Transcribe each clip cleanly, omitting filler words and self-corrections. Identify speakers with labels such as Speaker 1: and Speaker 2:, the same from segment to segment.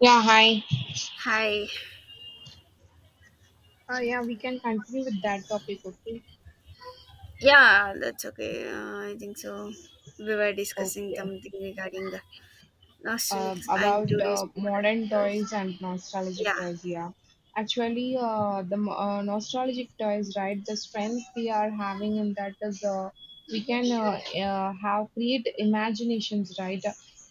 Speaker 1: Yeah, hi.
Speaker 2: Hi.
Speaker 1: Yeah, we can continue with that topic, okay?
Speaker 2: Yeah, that's okay. I think so. We were discussing
Speaker 1: Okay.
Speaker 2: something regarding
Speaker 1: um,
Speaker 2: nostalgics and
Speaker 1: about
Speaker 2: today's
Speaker 1: uh,
Speaker 2: modern
Speaker 1: modern
Speaker 2: toys.
Speaker 1: toys and nostalgic
Speaker 2: Yeah,
Speaker 1: toys. Yeah, actually, the nostalgic toys, right? The strength we are having in that is we can have create imaginations, right?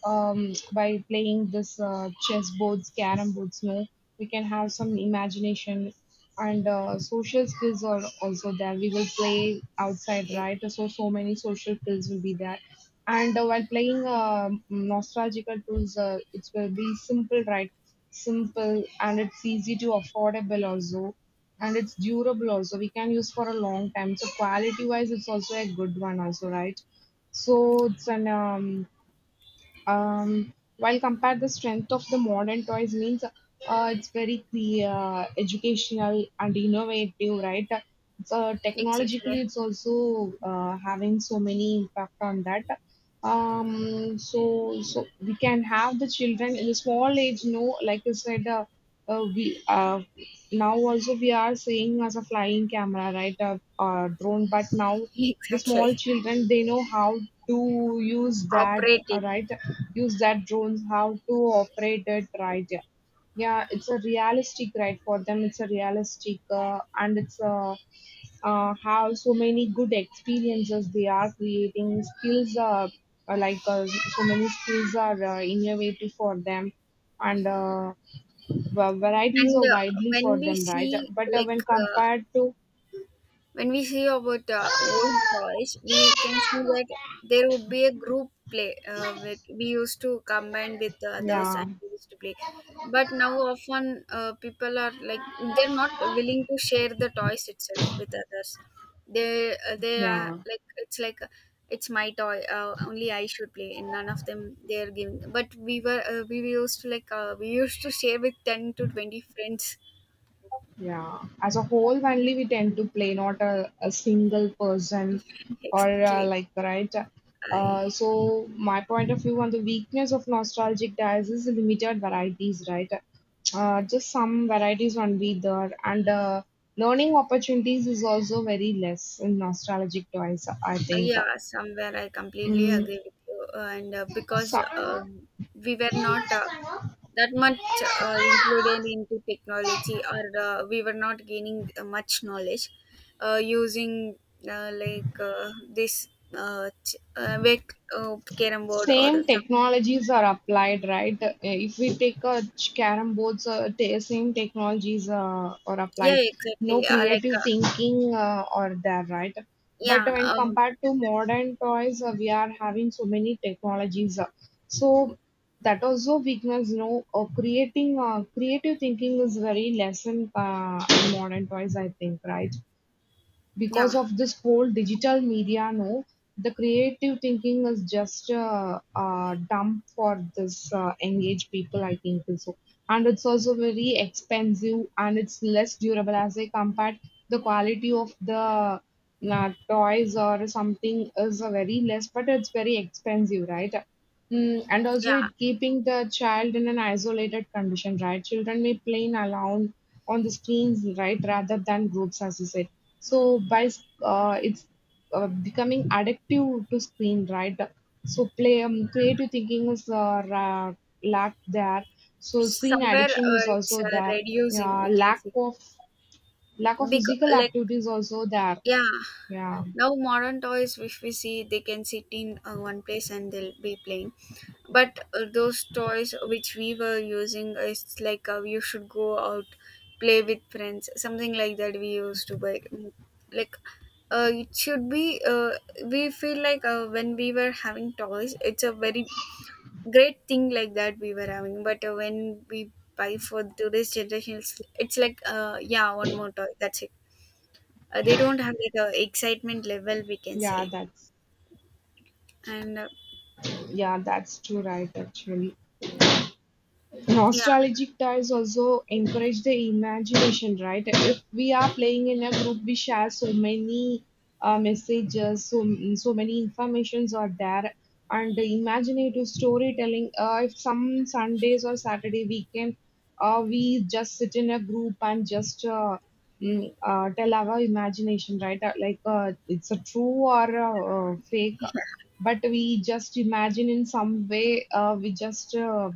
Speaker 1: By playing this chess boards, carrom boards, no, we can have some imagination. And social skills are also there. We will play outside,
Speaker 2: exactly.
Speaker 1: right? So so many social skills will be there and while playing nostalgical tools, it will be simple, right? Simple, and it's easy to affordable also, and it's durable also, we can use for a long time, so quality wise it's also a good one also, right? So it's an while compare the strength of the modern toys means it's very educational and innovative, right? So
Speaker 2: Exactly.
Speaker 1: technologically it's also having so many impact on that. So we can have the children in a small age, no, like you said, we now also we are seeing as a flying camera, right? Drone, but now the
Speaker 2: exactly.
Speaker 1: small children, they know how to use that,
Speaker 2: Operate it.
Speaker 1: right? Use that drones how to operate it, right? Yeah, yeah, it's a realistic, right? For them it's a realistic, and it's how so many good experiences, they are creating skills are, so many skills are innovative for them, and varieties
Speaker 2: And
Speaker 1: are widely
Speaker 2: when
Speaker 1: for
Speaker 2: we
Speaker 1: them, right?
Speaker 2: see
Speaker 1: But
Speaker 2: like
Speaker 1: when compared to,
Speaker 2: When we see about old toys, we can see that there would be a group play. With we used to combine with the others and
Speaker 1: yeah,
Speaker 2: we used to play. But now often people are like they're not willing to share the toys itself with others. They are
Speaker 1: yeah.
Speaker 2: like it's like it's my toy. Only I should play, and none of them they are giving. But we used to we used to share with 10 to 20 friends.
Speaker 1: Yeah, as a whole family, we tend to play, not a, a single person or
Speaker 2: exactly.
Speaker 1: like, right?
Speaker 2: I.
Speaker 1: So, my point of view on the weakness of nostalgic dyes is limited varieties, right? Just some varieties won't be there, and learning opportunities is also very less in nostalgic toys, I
Speaker 2: Uh,
Speaker 1: think.
Speaker 2: Yeah, somewhere I completely
Speaker 1: Mm,
Speaker 2: agree with you. And because
Speaker 1: so,
Speaker 2: we were not that much included into technology, or we were not gaining much knowledge using this ch- wake carom board or
Speaker 1: same
Speaker 2: some.
Speaker 1: technologies are applied, right? If we take a carom boards, same technologies are
Speaker 2: Yeah,
Speaker 1: applied. No
Speaker 2: exactly. Like
Speaker 1: creative thinking are there, right? But
Speaker 2: yeah,
Speaker 1: when compared to modern toys, we are having so many technologies. So that also weakness, you know, creating creative thinking is very less in modern toys, I think, right?
Speaker 2: yeah,
Speaker 1: Because of this whole digital media, no, the creative thinking is just dumb for this engaged people, I think so. And it's also very expensive and it's less durable as I compared the quality of the toys or something is very less, but it's very expensive, right? Mm, and also
Speaker 2: yeah.
Speaker 1: it keeping the child in an isolated condition, right? Children may play alone on the screens, right, rather than groups, as you said. So it's becoming addictive to screen, right? So play, creative thinking is lack there, so screen
Speaker 2: Somewhere
Speaker 1: addiction is
Speaker 2: it's
Speaker 1: also there.
Speaker 2: reducing.
Speaker 1: Yeah,
Speaker 2: We can
Speaker 1: lack
Speaker 2: see
Speaker 1: of, lack of
Speaker 2: because
Speaker 1: physical
Speaker 2: like
Speaker 1: activity is also there.
Speaker 2: yeah.
Speaker 1: Yeah,
Speaker 2: Now modern toys, if we see, they can sit in one place and they'll be playing. But those toys which we were using, it's like you should go out, play with friends, something like that. We used to buy, Mm, like it should be. We feel like when we were having toys, it's a very great thing like that we were having. But when we buy for today's generation, it's like yeah, one more toy. That's it. They don't have like a excitement level we can
Speaker 1: yeah,
Speaker 2: say.
Speaker 1: that's,
Speaker 2: And
Speaker 1: yeah, that's true, right? Actually,
Speaker 2: yeah.
Speaker 1: nostalgic ties also encourage the imagination, right? If we are playing in a group, we share so many messages, so so many informations are there, and the imaginative storytelling. If some Sundays or Saturday weekend, we just sit in a group and just tell our imagination, right? Like it's a true or a, fake, but we just imagine in some way. We just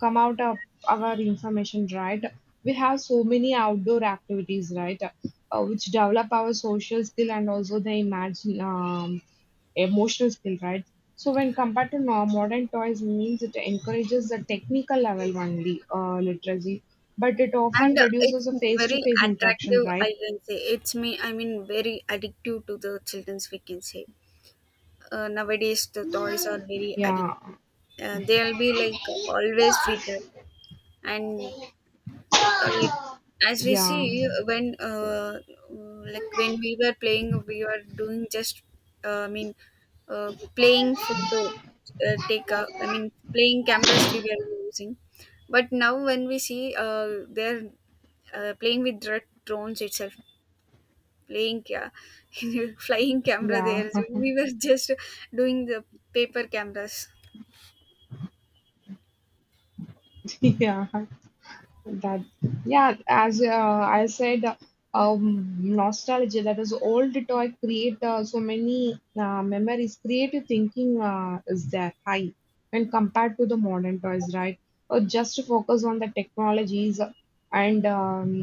Speaker 1: come out of our information, right? We have so many outdoor activities, right? Which develop our social skill and also the imagine, emotional skill, right? So when compared to modern toys means it encourages the technical level only, literacy, but it often
Speaker 2: and
Speaker 1: reduces
Speaker 2: it's
Speaker 1: the face to
Speaker 2: very
Speaker 1: face interaction,
Speaker 2: attractive, I
Speaker 1: right?
Speaker 2: can say. It's me I mean very addictive to the children's, we can say. Nowadays the toys are very
Speaker 1: Yeah,
Speaker 2: addictive. They'll be like always with that. And uh, like as we
Speaker 1: yeah,
Speaker 2: see like when we were playing, we were doing just I mean playing photo take a, I mean playing cameras we were using. But now when we see they're playing with drones itself. playing ca- flying camera
Speaker 1: yeah,
Speaker 2: there, so we were just doing the paper cameras.
Speaker 1: yeah. That, yeah, as I said, nostalgia, that is old toy, create so many memories. Creative thinking is there high when compared to the modern toys, right? Or just to focus on the technologies and,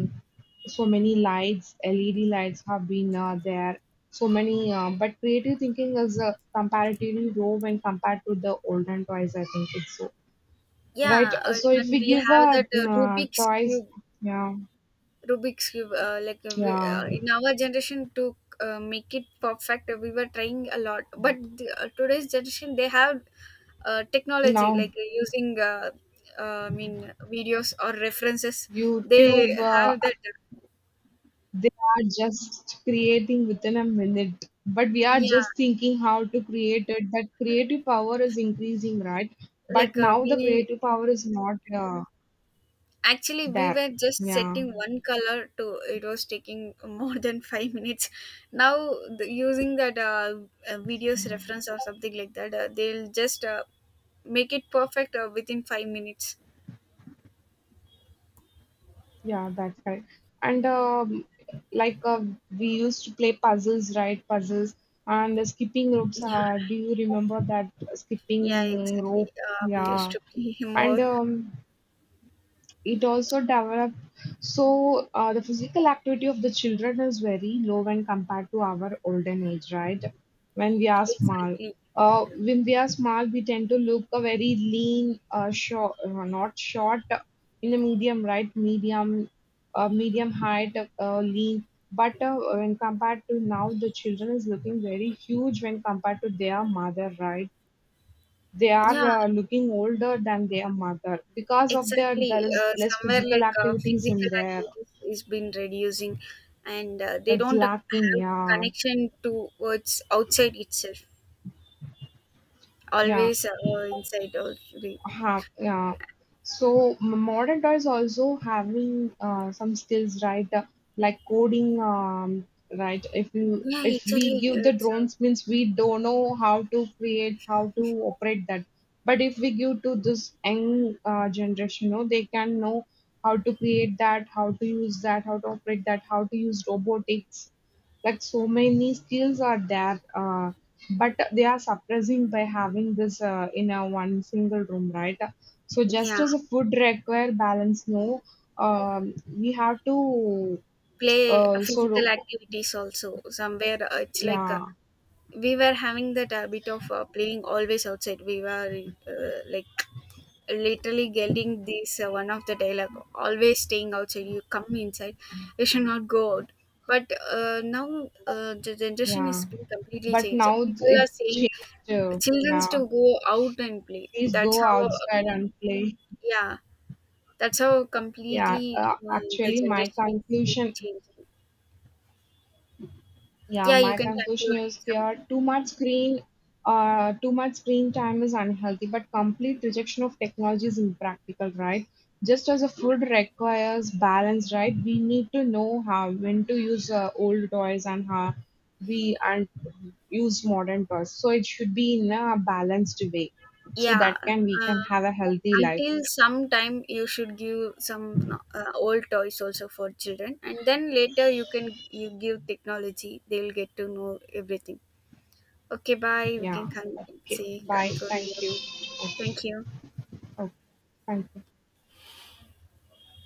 Speaker 1: so many lights, LED lights have been there. So many, but creative thinking is comparatively low when compared to the olden toys, I think it's so. Right.
Speaker 2: Yeah,
Speaker 1: So if
Speaker 2: even
Speaker 1: we
Speaker 2: we
Speaker 1: give
Speaker 2: have that
Speaker 1: a
Speaker 2: rubik's
Speaker 1: toys,
Speaker 2: cube.
Speaker 1: yeah,
Speaker 2: Rubik's cube. Like we,
Speaker 1: yeah.
Speaker 2: in our generation, to make it perfect, we were trying a lot. But the, today's generation, they have technology
Speaker 1: Now
Speaker 2: like using, videos or references. They
Speaker 1: YouTube,
Speaker 2: have that.
Speaker 1: they are just creating within a minute, but we are
Speaker 2: Yeah,
Speaker 1: just thinking how to create it. That creative power is increasing, right? But
Speaker 2: like
Speaker 1: now the
Speaker 2: we.
Speaker 1: creative power is not
Speaker 2: Actually, we
Speaker 1: there.
Speaker 2: were just
Speaker 1: Yeah.
Speaker 2: setting one color to it. Was taking more than 5 minutes. Now, using that videos reference or something like that, they'll just make it perfect within 5 minutes.
Speaker 1: Yeah, that's right. And, like, we used to play puzzles, right? Puzzles and the skipping ropes.
Speaker 2: Yeah,
Speaker 1: Do you remember that
Speaker 2: yeah,
Speaker 1: skipping
Speaker 2: exactly.
Speaker 1: rope?
Speaker 2: We used
Speaker 1: Yeah.
Speaker 2: to play
Speaker 1: And,
Speaker 2: more.
Speaker 1: it also develop, so the physical activity of the children is very low when compared to our olden age, right? When we are small,
Speaker 2: Exactly.
Speaker 1: when we are small, we tend to look a very lean, short, not short, in a medium, right, medium, medium height, lean, but when compared to now, the children is looking very huge when compared to their mother, right? They are
Speaker 2: Yeah,
Speaker 1: looking older than their mother because of their, there
Speaker 2: exactly.
Speaker 1: is less
Speaker 2: Somewhere
Speaker 1: physical
Speaker 2: like
Speaker 1: activities
Speaker 2: physical
Speaker 1: in there.
Speaker 2: activities is been reducing, and they
Speaker 1: It's
Speaker 2: don't
Speaker 1: lacking,
Speaker 2: have
Speaker 1: yeah,
Speaker 2: connection to what's outside itself.
Speaker 1: yeah.
Speaker 2: Always inside or.
Speaker 1: Have, yeah, so modern toys also having some skills, right? Like coding, right?
Speaker 2: Yeah,
Speaker 1: If we
Speaker 2: exactly.
Speaker 1: give the
Speaker 2: It's
Speaker 1: drones means, we don't know how to create, how to operate that, but if we give to this young generation, you know, they can know how to create that, how to use that, how to operate that, how to use robotics, like so many skills are there, but they are suppressing by having this in a one single room, right? So just
Speaker 2: yeah,
Speaker 1: as a food require balance, no, we have to,
Speaker 2: play
Speaker 1: so,
Speaker 2: physical activities also somewhere. It's like
Speaker 1: yeah,
Speaker 2: we were having that habit of playing always outside. We were uh, like literally getting this one of the dialogue always staying outside. You come inside, you should not go out. But now the generation
Speaker 1: yeah,
Speaker 2: is being completely
Speaker 1: but
Speaker 2: changed.
Speaker 1: now it's
Speaker 2: People are
Speaker 1: it's
Speaker 2: saying
Speaker 1: changed,
Speaker 2: childrens
Speaker 1: yeah,
Speaker 2: to go out and play.
Speaker 1: please
Speaker 2: That's
Speaker 1: go
Speaker 2: how.
Speaker 1: outside and play.
Speaker 2: Yeah. That's how
Speaker 1: Yeah,
Speaker 2: completely the
Speaker 1: actually my
Speaker 2: generation is being
Speaker 1: conclusion,
Speaker 2: changing.
Speaker 1: yeah,
Speaker 2: Yeah, you
Speaker 1: my
Speaker 2: can
Speaker 1: conclusion
Speaker 2: conclude
Speaker 1: is
Speaker 2: something.
Speaker 1: here, too much screen, too much screen time is unhealthy, but complete rejection of technology is impractical, right? Just as a food requires balance, right? We need to know how, when to use old toys and how we, and use modern toys. So it should be in a balanced way. So
Speaker 2: Yeah,
Speaker 1: that can, we can
Speaker 2: uh,
Speaker 1: have a healthy life.
Speaker 2: until some time you should give some old toys also for children, and then later you give technology. They'll get to know everything. Okay, bye. We can
Speaker 1: Yeah. Okay.
Speaker 2: say
Speaker 1: Bye. Thank
Speaker 2: conclude.
Speaker 1: you. Okay.
Speaker 2: Thank you.
Speaker 1: Okay. Thank you.